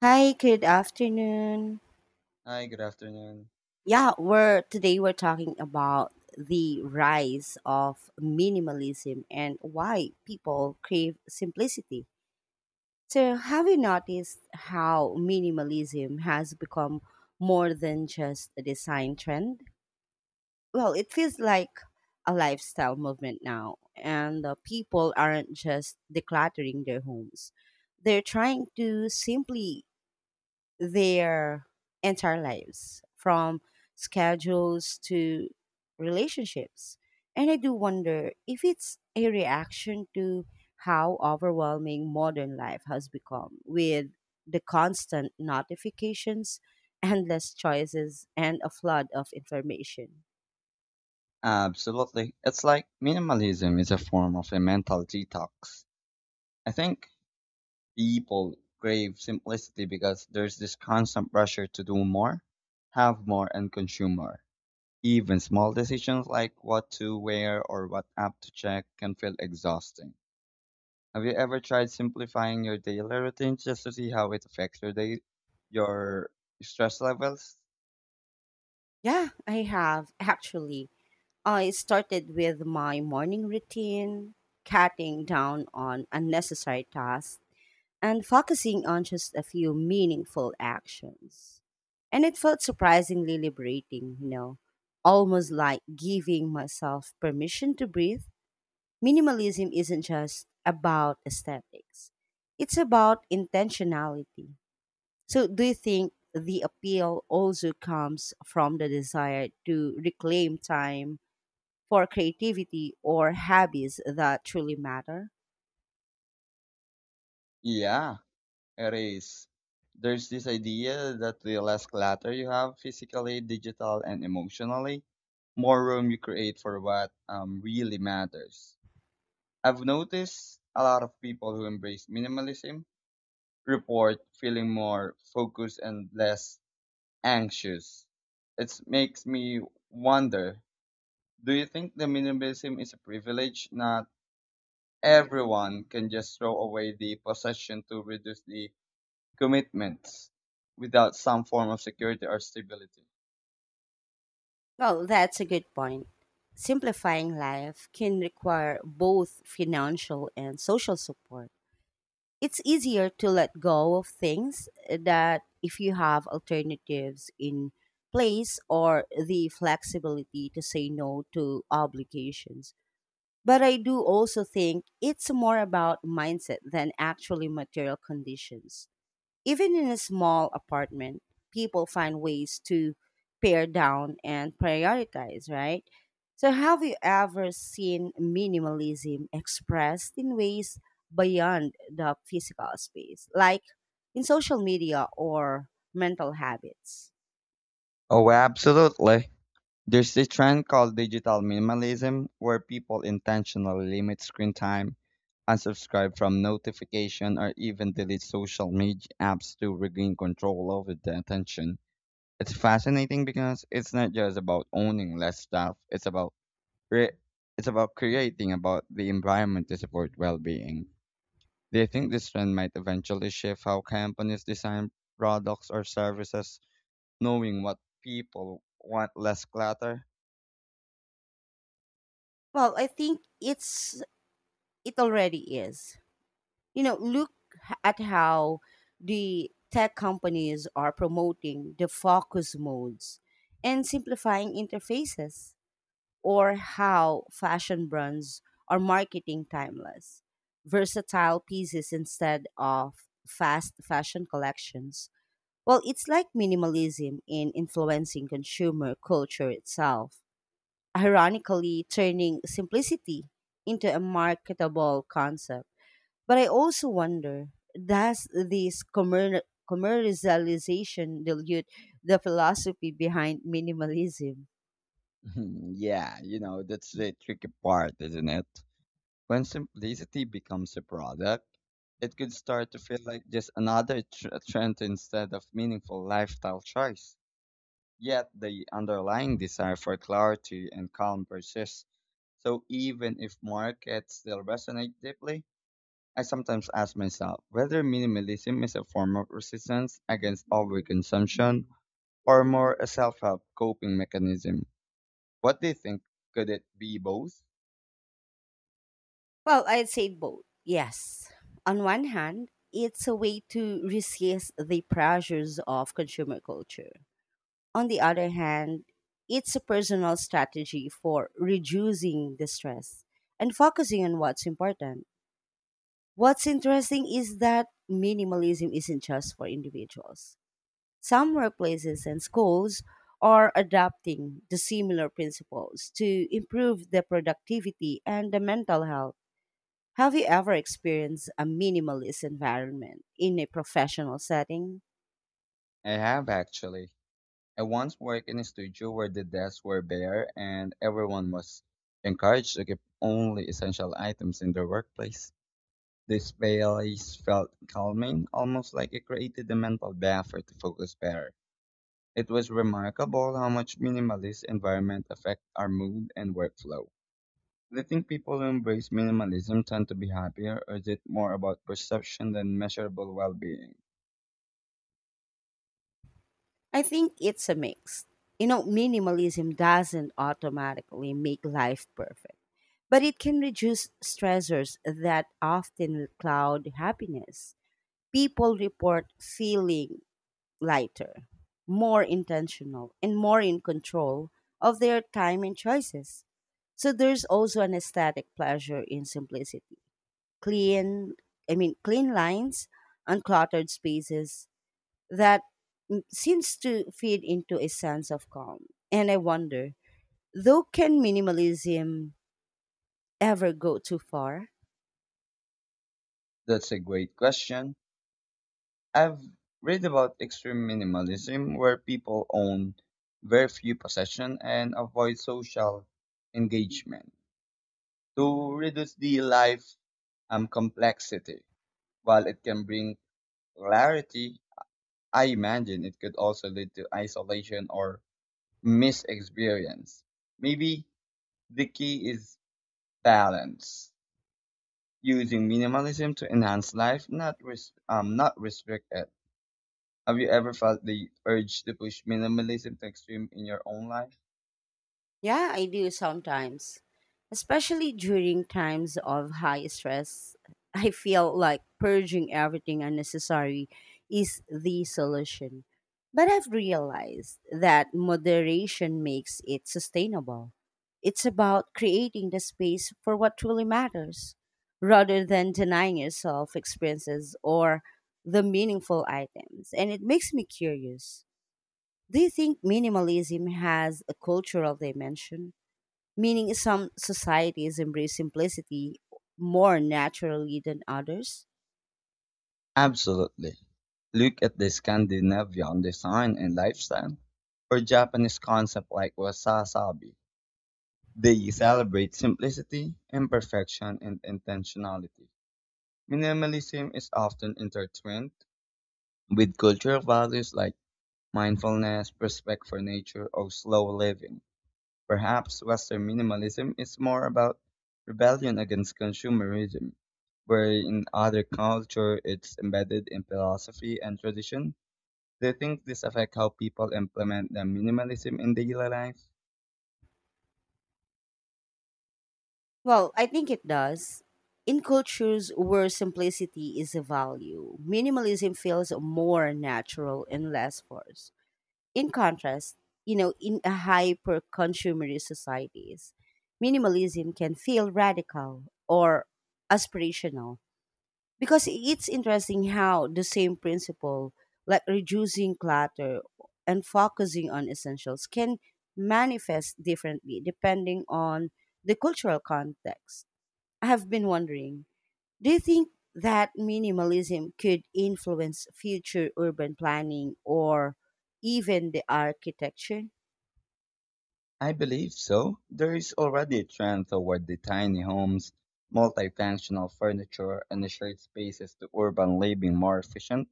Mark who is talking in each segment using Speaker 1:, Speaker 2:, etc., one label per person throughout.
Speaker 1: Hi, good afternoon.
Speaker 2: Hi, good afternoon.
Speaker 1: Yeah, we're today we're talking about the rise of minimalism and why people crave simplicity. So, have you noticed how minimalism has become more than just a design trend? Well, it feels like a lifestyle movement now, and people aren't just decluttering their homes. They're trying to simply their entire lives from schedules to relationships. And I do wonder if it's a reaction to how overwhelming modern life has become with the constant notifications, endless choices, and a flood of information.
Speaker 2: Absolutely. It's like minimalism is a form of a mental detox. I think people crave simplicity because there's this constant pressure to do more, have more, and consume more. Even small decisions like what to wear or what app to check can feel exhausting. Have you ever tried simplifying your daily routine just to see how it affects your day, your stress levels?
Speaker 1: Yeah, I have actually. I started with my morning routine, cutting down on unnecessary tasks and focusing on just a few meaningful actions. And it felt surprisingly liberating, you know, almost like giving myself permission to breathe. Minimalism isn't just about aesthetics, it's about intentionality. So, do you think the appeal also comes from the desire to reclaim time for creativity or hobbies that truly matter?
Speaker 2: Yeah. Erase. There's this idea that the less clutter you have physically, digital, and emotionally, more room you create for what really matters. I've noticed a lot of people who embrace minimalism report feeling more focused and less anxious. It makes me wonder, do you think the minimalism is a privilege? Not everyone can just throw away the possession to reduce the commitments without some form of security or stability.
Speaker 1: Well, that's a good point. Simplifying life can require both financial and social support. It's easier to let go of things that if you have alternatives in place or the flexibility to say no to obligations. But I do also think it's more about mindset than actually material conditions. Even in a small apartment, people find ways to pare down and prioritize, right? So, have you ever seen minimalism expressed in ways beyond the physical space, like in social media or mental habits?
Speaker 2: Oh, absolutely. There's this trend called digital minimalism where people intentionally limit screen time, unsubscribe from notification, or even delete social media apps to regain control over their attention. It's fascinating because it's not just about owning less stuff, it's about re- it's about creating about the environment to support well-being. Do you think this trend might eventually shift how companies design products or services, knowing what people want less clutter?
Speaker 1: Well, I think it's it already is. You know, look at how the tech companies are promoting the focus modes and simplifying interfaces, or how fashion brands are marketing timeless, versatile pieces instead of fast fashion collections. Well, it's like minimalism in influencing consumer culture itself, ironically turning simplicity into a marketable concept. But I also wonder, does this commercialization dilute the philosophy behind minimalism?
Speaker 2: Hmm, yeah, you know, that's the tricky part, isn't it? When simplicity becomes a product, it could start to feel like just another trend instead of meaningful lifestyle choice. Yet the underlying desire for clarity and calm persists. So even if markets still resonate deeply, I sometimes ask myself whether minimalism is a form of resistance against overconsumption or more a self help coping mechanism. What do you think? Could it be both?
Speaker 1: Well, I'd say both. Yes. On one hand, it's a way to resist the pressures of consumer culture. On the other hand, it's a personal strategy for reducing the stress and focusing on what's important. What's interesting is that minimalism isn't just for individuals. Some workplaces and schools are adopting the similar principles to improve the productivity and the mental health. Have you ever experienced a minimalist environment in a professional setting?
Speaker 2: I have actually. I once worked in a studio where the desks were bare and everyone was encouraged to keep only essential items in their workplace. The space felt calming, almost like it created a mental bath to focus better. It was remarkable how much minimalist environment affect our mood and workflow. Do you think people who embrace minimalism tend to be happier, or is it more about perception than measurable well-being?
Speaker 1: I think it's a mix. You know, minimalism doesn't automatically make life perfect, but it can reduce stressors that often cloud happiness. People report feeling lighter, more intentional, and more in control of their time and choices. So there's also an aesthetic pleasure in simplicity. Clean, clean lines, uncluttered spaces that seems to feed into a sense of calm. And I wonder, though, can minimalism ever go too far?
Speaker 2: That's a great question. I've read about extreme minimalism, where people own very few possessions and avoid social engagement to reduce the life complexity. While it can bring clarity, I imagine it could also lead to isolation or misexperience. Maybe the key is balance, using minimalism to enhance life, not not restrict it. Have you ever felt the urge to push minimalism to extreme in your own life?
Speaker 1: Yeah, I do sometimes. Especially during times of high stress, I feel like purging everything unnecessary is the solution. But I've realized that moderation makes it sustainable. It's about creating the space for what truly matters rather than denying yourself experiences or the meaningful items. And it makes me curious. Do you think minimalism has a cultural dimension, meaning some societies embrace simplicity more naturally than others?
Speaker 2: Absolutely. Look at the Scandinavian design and lifestyle, or Japanese concept like wasasabi. They celebrate simplicity, imperfection, and intentionality. Minimalism is often intertwined with cultural values like mindfulness, respect for nature, or slow living. Perhaps Western minimalism is more about rebellion against consumerism, where in other culture it's embedded in philosophy and tradition. Do you think this affects how people implement the minimalism in daily life?
Speaker 1: Well, I think it does. In cultures where simplicity is a value, minimalism feels more natural and less forced. In contrast, you know, in a hyper consumerist societies, minimalism can feel radical or aspirational, because it's interesting how the same principle like reducing clutter and focusing on essentials can manifest differently depending on the cultural context. I have been wondering, do you think that minimalism could influence future urban planning or even the architecture?
Speaker 2: I believe so. There is already a trend toward the tiny homes, multifunctional furniture, and shared spaces to urban living more efficient.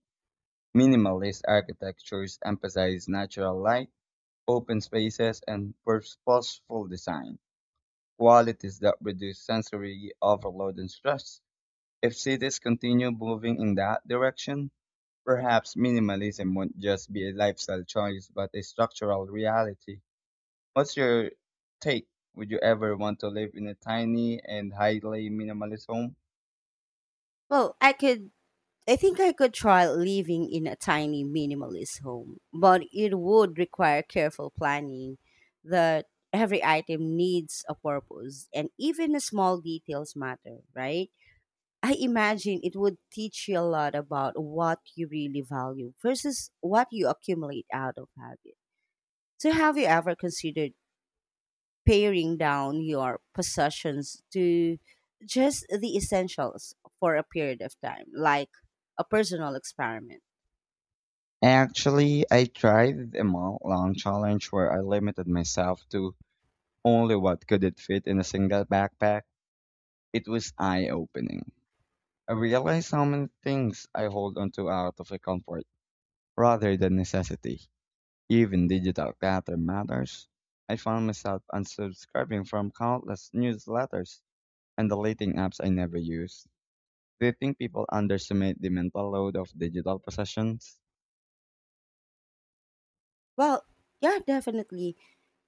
Speaker 2: Minimalist architectures emphasize natural light, open spaces, and purposeful design, qualities that reduce sensory overload and stress. If cities continue moving in that direction, perhaps minimalism won't just be a lifestyle choice, but a structural reality. What's your take? Would you ever want to live in a tiny and highly minimalist home?
Speaker 1: Well, I think I could try living in a tiny minimalist home, but it would require careful planning, that every item needs a purpose and even the small details matter, right? I imagine it would teach you a lot about what you really value versus what you accumulate out of habit. So, have you ever considered paring down your possessions to just the essentials for a period of time, like a personal experiment?
Speaker 2: Actually, I tried a month long challenge where I limited myself to only what could it fit in a single backpack. It was eye opening. I realized how many things I hold onto out of a comfort rather than necessity. Even digital clutter matters. I found myself unsubscribing from countless newsletters and deleting apps I never used. Do you think people underestimate the mental load of digital possessions?
Speaker 1: Well, yeah, definitely.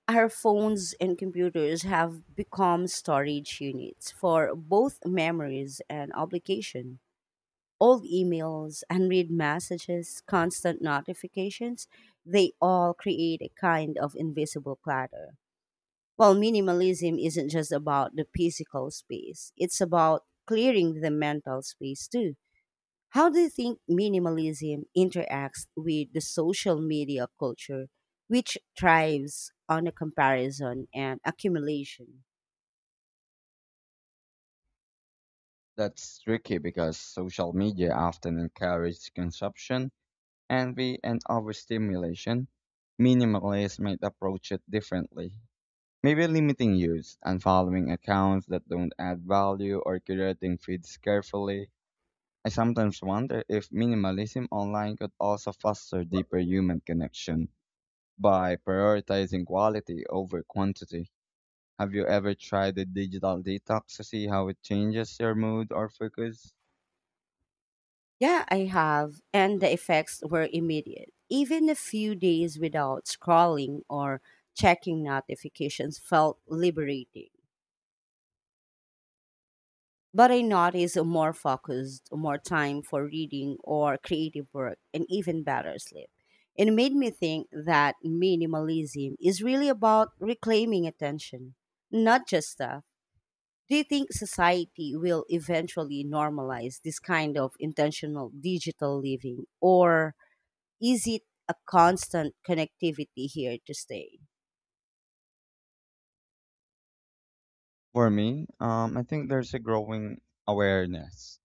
Speaker 1: Our phones and computers have become storage units for both memories and obligation. Old emails, unread messages, constant notifications, they all create a kind of invisible clutter. While minimalism isn't just about the physical space, it's about clearing the mental space too. How do you think minimalism interacts with the social media culture, which thrives on a comparison and accumulation?
Speaker 2: That's tricky because social media often encourages consumption, envy, and overstimulation. Minimalists might approach it differently. Maybe limiting use, unfollowing accounts that don't add value, or curating feeds carefully. I sometimes wonder if minimalism online could also foster deeper human connection by prioritizing quality over quantity. Have you ever tried a digital detox to see how it changes your mood or focus?
Speaker 1: Yeah, I have, and the effects were immediate. Even a few days without scrolling or checking notifications felt liberating. But I notice a more focused, more time for reading or creative work, and even better sleep. It made me think that minimalism is really about reclaiming attention, not just stuff. Do you think society will eventually normalize this kind of intentional digital living, or is it a constant connectivity here to stay?
Speaker 2: For me, I think there's a growing awareness,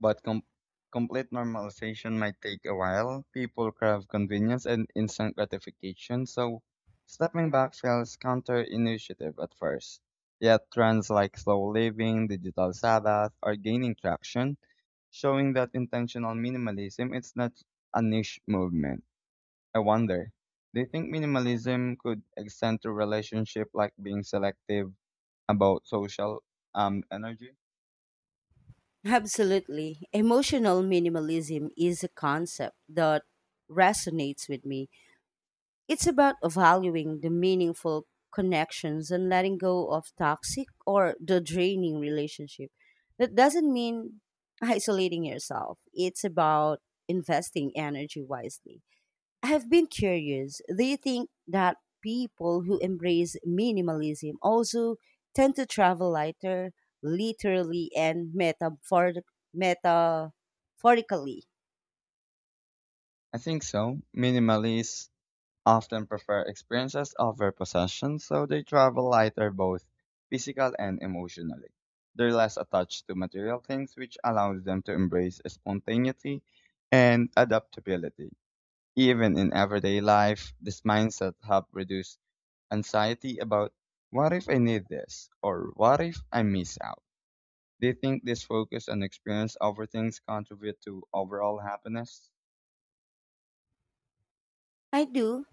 Speaker 2: but complete normalization might take a while. People crave convenience and instant gratification, so stepping back feels counterintuitive at first. Yet trends like slow living, digital Sabbath are gaining traction, showing that intentional minimalism is not a niche movement. I wonder, do you think minimalism could extend to relationship like being selective about social energy?
Speaker 1: Absolutely. Emotional minimalism is a concept that resonates with me. It's about valuing the meaningful connections and letting go of toxic or the draining relationship. That doesn't mean isolating yourself. It's about investing energy wisely. I have been curious, do you think that people who embrace minimalism also tend to travel lighter, literally and metaphorically?
Speaker 2: I think so. Minimalists often prefer experiences over possessions, so they travel lighter both physical and emotionally. They're less attached to material things, which allows them to embrace spontaneity and adaptability. Even in everyday life, this mindset helps reduce anxiety about what if I need this or what if I miss out. Do you think this focus on experience over things contribute to overall happiness?
Speaker 1: I do,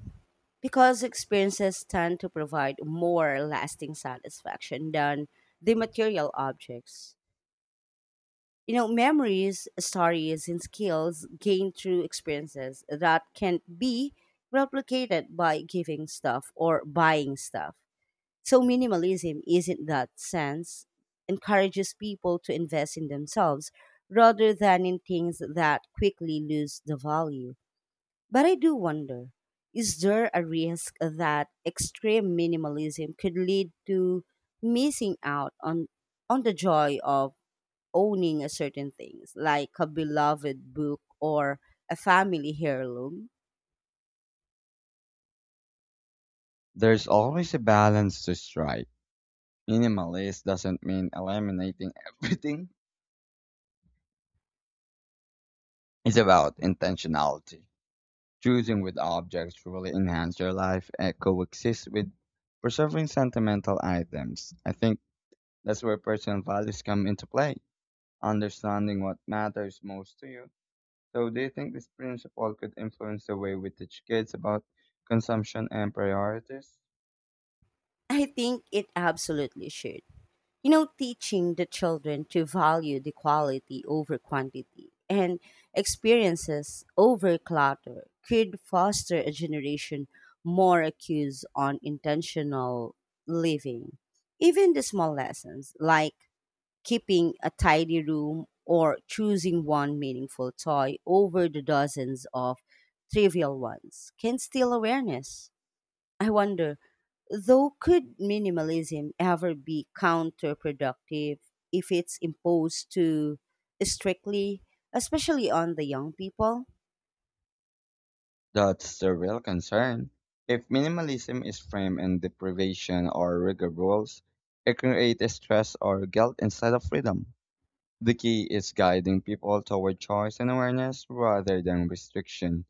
Speaker 1: because experiences tend to provide more lasting satisfaction than the material objects. You know, memories, stories, and skills gained through experiences that can't be replicated by giving stuff or buying stuff. So, minimalism is, in that sense, encourages people to invest in themselves rather than in things that quickly lose the value. But I do wonder, is there a risk that extreme minimalism could lead to missing out on the joy of owning a certain things, like a beloved book or a family heirloom?
Speaker 2: There's always a balance to strike. Minimalist doesn't mean eliminating everything. It's about intentionality. Choosing with objects truly enhance your life and coexist with preserving sentimental items. I think that's where personal values come into play. Understanding what matters most to you. So, do you think this principle could influence the way we teach kids about consumption and priorities?
Speaker 1: I think it absolutely should. You know, teaching the children to value the quality over quantity and experiences over clutter could foster a generation more accused on intentional living. Even the small lessons like keeping a tidy room or choosing one meaningful toy over the dozens of trivial ones can steal awareness. I wonder, though, could minimalism ever be counterproductive if it's imposed too strictly, especially on the young people?
Speaker 2: That's the real concern. If minimalism is framed in deprivation or rigid rules, it creates stress or guilt instead of freedom. The key is guiding people toward choice and awareness rather than restriction.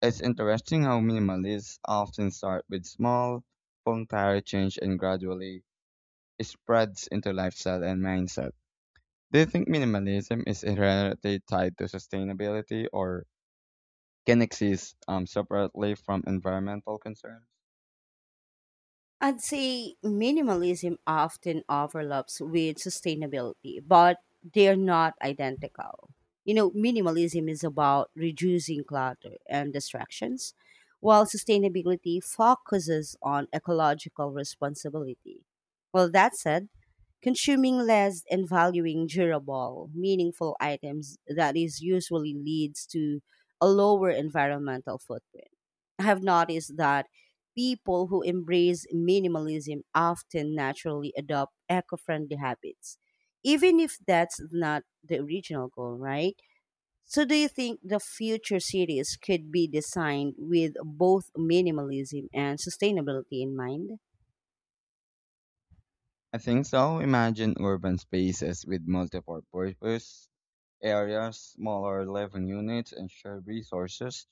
Speaker 2: It's interesting how minimalists often start with small, voluntary change and gradually spreads into lifestyle and mindset. Do you think minimalism is inherently tied to sustainability or can exist separately from environmental concerns?
Speaker 1: I'd say minimalism often overlaps with sustainability, but they're not identical. You know, minimalism is about reducing clutter and distractions, while sustainability focuses on ecological responsibility. Well, that said, consuming less and valuing durable, meaningful items that is usually leads to a lower environmental footprint. I have noticed that people who embrace minimalism often naturally adopt eco friendly habits, even if that's not the original goal, right? So, do you think the future cities could be designed with both minimalism and sustainability in mind?
Speaker 2: I think so. Imagine urban spaces with multiple purpose areas, smaller living units, and shared resources,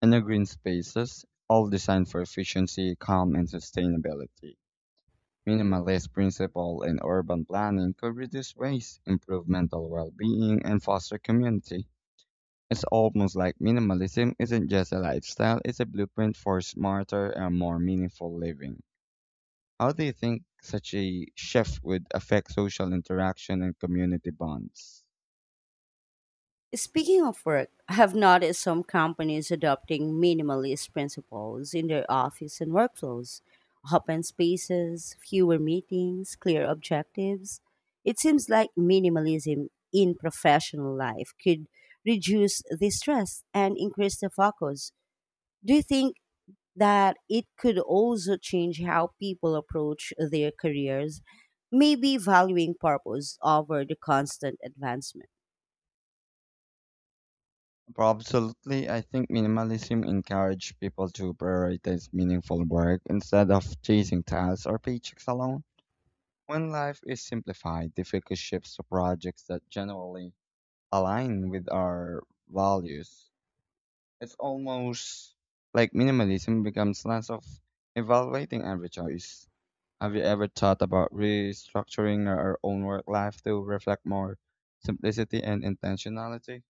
Speaker 2: and the green spaces, all designed for efficiency, calm, and sustainability. Minimalist principle in urban planning could reduce waste, improve mental well-being, and foster community. It's almost like minimalism isn't just a lifestyle, it's a blueprint for smarter and more meaningful living. How do you think such a shift would affect social interaction and community bonds?
Speaker 1: Speaking of work, I have noticed some companies adopting minimalist principles in their office and workflows. Open spaces, fewer meetings, clear objectives. It seems like minimalism in professional life could reduce the stress and increase the focus. Do you think that it could also change how people approach their careers? Maybe valuing purpose over the constant advancement.
Speaker 2: Well, absolutely. I think minimalism encourages people to prioritize meaningful work instead of chasing tasks or paychecks alone. When life is simplified, the focus shifts to projects that generally align with our values. It's almost like minimalism becomes less of evaluating every choice. Have you ever thought about restructuring our own work life to reflect more simplicity and intentionality?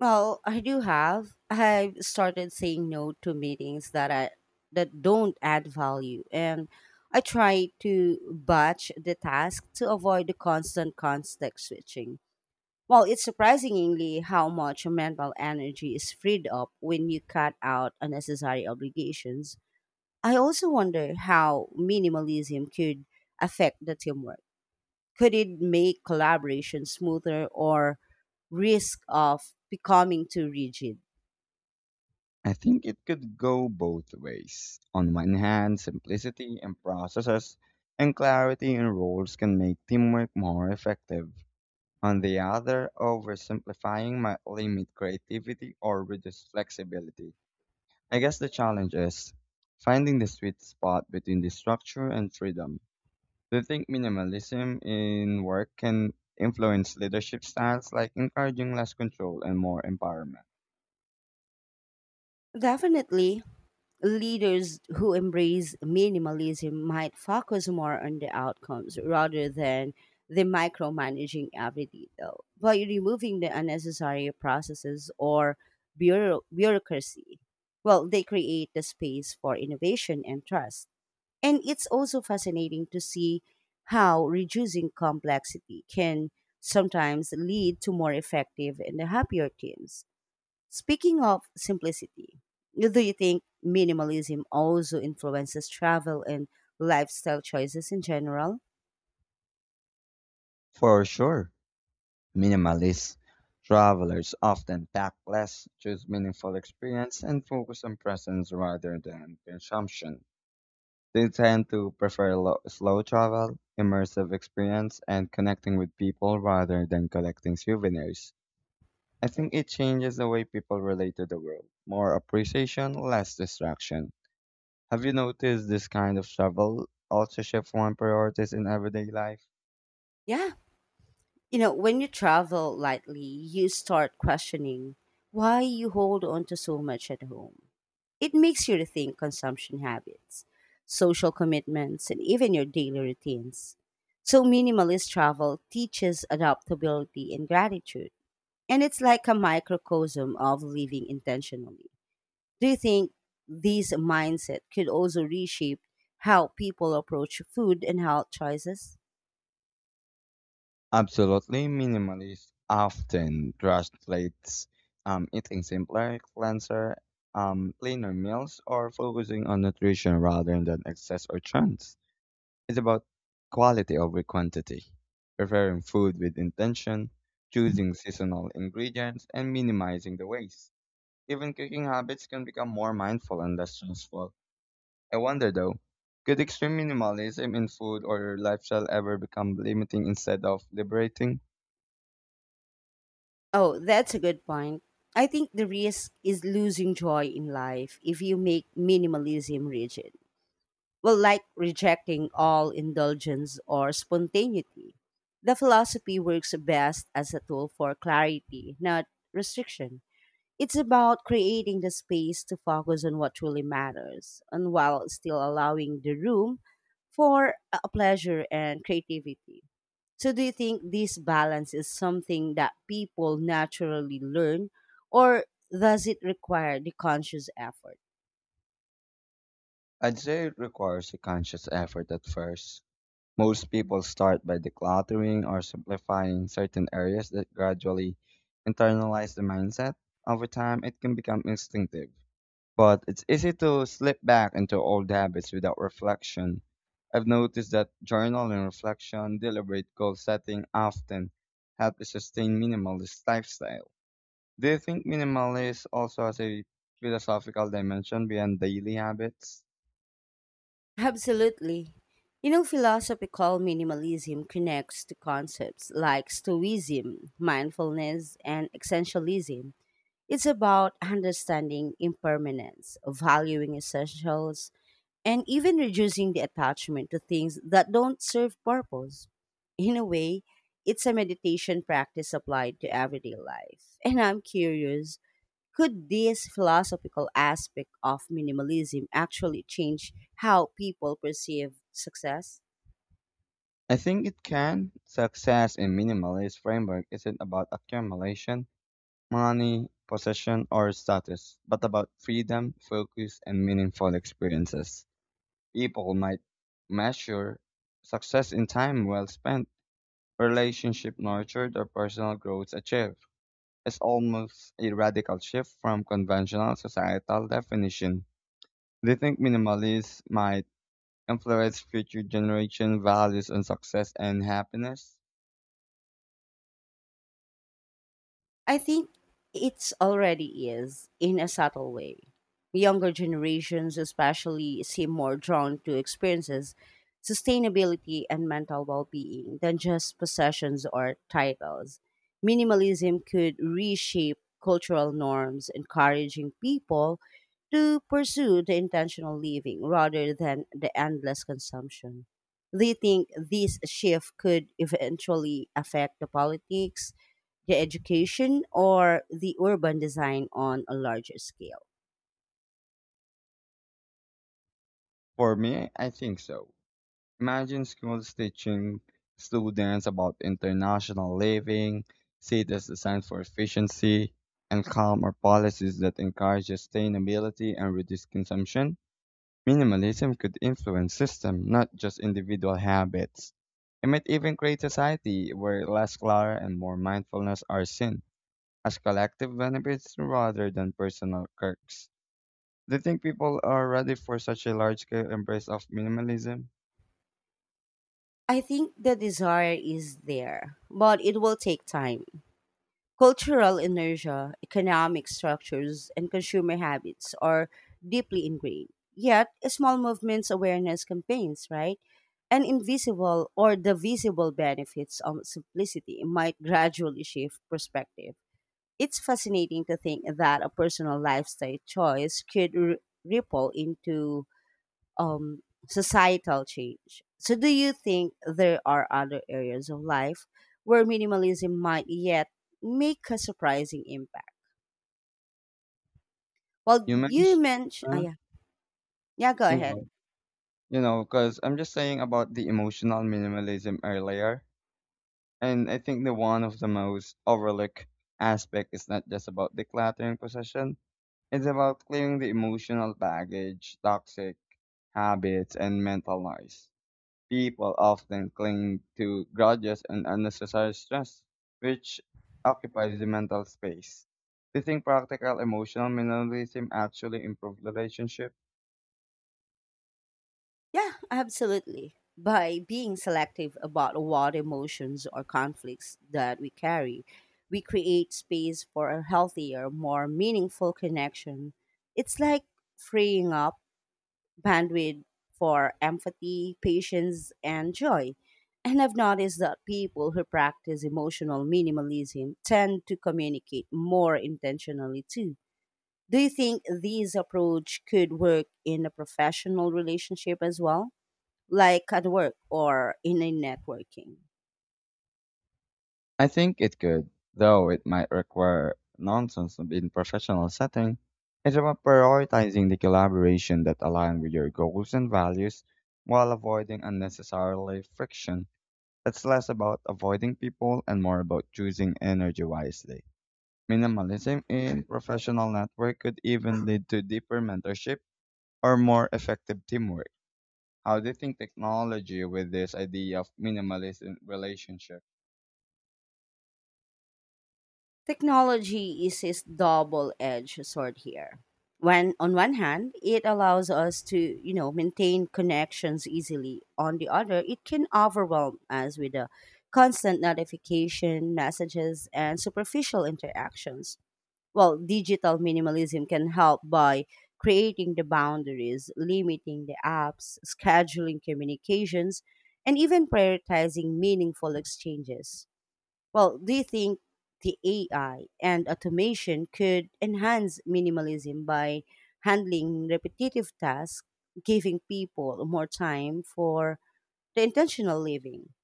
Speaker 1: Well, I do have. I've started saying no to meetings that don't add value, and I try to batch the task to avoid the constant context switching. Well, it's surprisingly how much mental energy is freed up when you cut out unnecessary obligations. I also wonder how minimalism could affect the teamwork. Could it make collaboration smoother or risk of becoming too rigid?
Speaker 2: I think it could go both ways. On one hand, simplicity in processes and clarity in roles can make teamwork more effective. On the other, oversimplifying might limit creativity or reduce flexibility. I guess the challenge is finding the sweet spot between the structure and freedom. Do you think minimalism in work can influence leadership styles like encouraging less control and more empowerment?
Speaker 1: Definitely, leaders who embrace minimalism might focus more on the outcomes rather than the micromanaging every detail by removing the unnecessary processes or bureaucracy. Well, they create the space for innovation and trust. And it's also fascinating to see how reducing complexity can sometimes lead to more effective and happier teams. Speaking of simplicity, do you think minimalism also influences travel and lifestyle choices in general?
Speaker 2: For sure. Minimalist travelers often pack less, choose meaningful experience, and focus on presence rather than consumption. They tend to prefer slow travel, immersive experience, and connecting with people rather than collecting souvenirs. I think it changes the way people relate to the world. More appreciation, less distraction. Have you noticed this kind of travel also shifts one's priorities in everyday life?
Speaker 1: Yeah. You know, when you travel lightly, you start questioning why you hold on to so much at home. It makes you rethink consumption habits, social commitments, and even your daily routines. So, minimalist travel teaches adaptability and gratitude. And it's like a microcosm of living intentionally. Do you think these mindset could also reshape how people approach food and health choices?
Speaker 2: Absolutely, minimalist often translates eating simpler, cleanser, cleaner meals, or focusing on nutrition rather than excess or trends. It's about quality over quantity, preparing food with intention, choosing seasonal ingredients, and minimizing the waste. Even cooking habits can become more mindful and less stressful. I wonder though, could extreme minimalism in food or lifestyle ever become limiting instead of liberating?
Speaker 1: Oh, that's a good point. I think the risk is losing joy in life if you make minimalism rigid. Well, like rejecting all indulgence or spontaneity. The philosophy works best as a tool for clarity, not restriction. It's about creating the space to focus on what truly matters and while still allowing the room for pleasure and creativity. So, do you think this balance is something that people naturally learn or does it require the conscious effort?
Speaker 2: I'd say it requires a conscious effort at first. Most people start by decluttering or simplifying certain areas that gradually internalize the mindset. Over time, it can become instinctive. But it's easy to slip back into old habits without reflection. I've noticed that journaling, reflection, deliberate goal setting often help to sustain minimalist lifestyle. Do you think minimalist also has a philosophical dimension beyond daily habits?
Speaker 1: Absolutely. You know, philosophical minimalism connects to concepts like Stoicism, mindfulness, and essentialism. It's about understanding impermanence, valuing essentials, and even reducing the attachment to things that don't serve purpose. In a way, it's a meditation practice applied to everyday life. And I'm curious, could this philosophical aspect of minimalism actually change how people perceive success?
Speaker 2: I think it can. Success in minimalist framework isn't about accumulation, money, possession, or status, but about freedom, focus, and meaningful experiences. People might measure success in time well spent, relationship nurtured, or personal growth achieved. It's almost a radical shift from conventional societal definition. Do you think minimalism might influence future generation values on success and happiness?
Speaker 1: I think it's already is in a subtle way. Younger generations, especially, seem more drawn to experiences, sustainability, and mental well being than just possessions or titles. Minimalism could reshape cultural norms, encouraging people to pursue the intentional living rather than the endless consumption. Do you think this shift could eventually affect the politics, the education, or the urban design on a larger scale?
Speaker 2: For me, I think so. Imagine schools teaching students about international living, cities designed for efficiency, and calmer policies that encourage sustainability and reduce consumption. Minimalism could influence system, not just individual habits. It might even create society where less clutter and more mindfulness are seen as collective benefits rather than personal quirks. Do you think people are ready for such a large-scale embrace of minimalism?
Speaker 1: I think the desire is there, but it will take time. Cultural inertia, economic structures, and consumer habits are deeply ingrained. Yet, small movements, awareness campaigns, right? And invisible or the visible benefits of simplicity might gradually shift perspective. It's fascinating to think that a personal lifestyle choice could ripple into um, societal change. So, do you think there are other areas of life where minimalism might yet make a surprising impact?
Speaker 2: You
Speaker 1: Well, you
Speaker 2: mentioned.
Speaker 1: mentioned, oh, yeah, yeah, go
Speaker 2: You
Speaker 1: ahead.
Speaker 2: know, because I'm just saying about the emotional minimalism earlier, and I think the one of the most overlooked aspect is not just about decluttering possession. It's about clearing the emotional baggage, toxic habits, and mental noise. People often cling to grudges and unnecessary stress, which occupies the mental space. Do you think practical emotional minimalism actually improves relationship?
Speaker 1: Yeah, absolutely. By being selective about what emotions or conflicts that we carry, we create space for a healthier, more meaningful connection. It's like freeing up bandwidth for empathy, patience, and joy. And I've noticed that people who practice emotional minimalism tend to communicate more intentionally too. Do you think this approach could work in a professional relationship as well, like at work or in a networking?
Speaker 2: I think it could, though it might require nonsense in professional setting. It's about prioritizing the collaboration that align with your goals and values while avoiding unnecessarily friction. It's less about avoiding people and more about choosing energy wisely. Minimalism in professional network could even lead to deeper mentorship or more effective teamwork. How do you think technology with this idea of minimalism relationship?
Speaker 1: Technology is its double-edged sword here. When on one hand, it allows us to, you know, maintain connections easily. On the other, it can overwhelm us with the constant notification, messages, and superficial interactions. Well, digital minimalism can help by creating the boundaries, limiting the apps, scheduling communications, and even prioritizing meaningful exchanges. Well, do you think the AI and automation could enhance minimalism by handling repetitive tasks, giving people more time for the intentional living?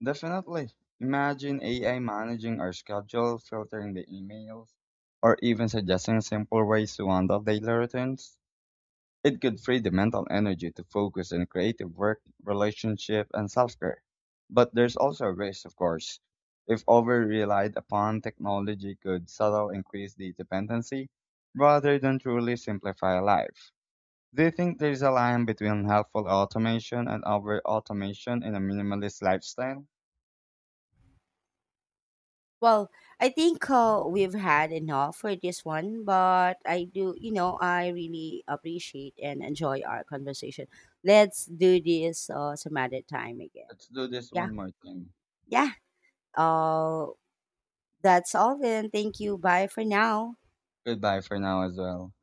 Speaker 2: Definitely. Imagine AI managing our schedule, filtering the emails, or even suggesting simple ways to handle daily routines. It could free the mental energy to focus on creative work, relationship, and self care. But there's also a risk, of course. If over relied upon, technology could subtly increase the dependency rather than truly simplify life. Do you think there's a line between helpful automation and over automation in a minimalist lifestyle?
Speaker 1: Well, I think we've had enough for this one, but I do, you know, I really appreciate and enjoy our conversation. Let's do this some other time again.
Speaker 2: Let's do this
Speaker 1: Yeah,
Speaker 2: one more time.
Speaker 1: yeah. Uh, that's all then. Thank you. Bye for now.
Speaker 2: Goodbye for now as well.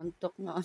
Speaker 1: Antok na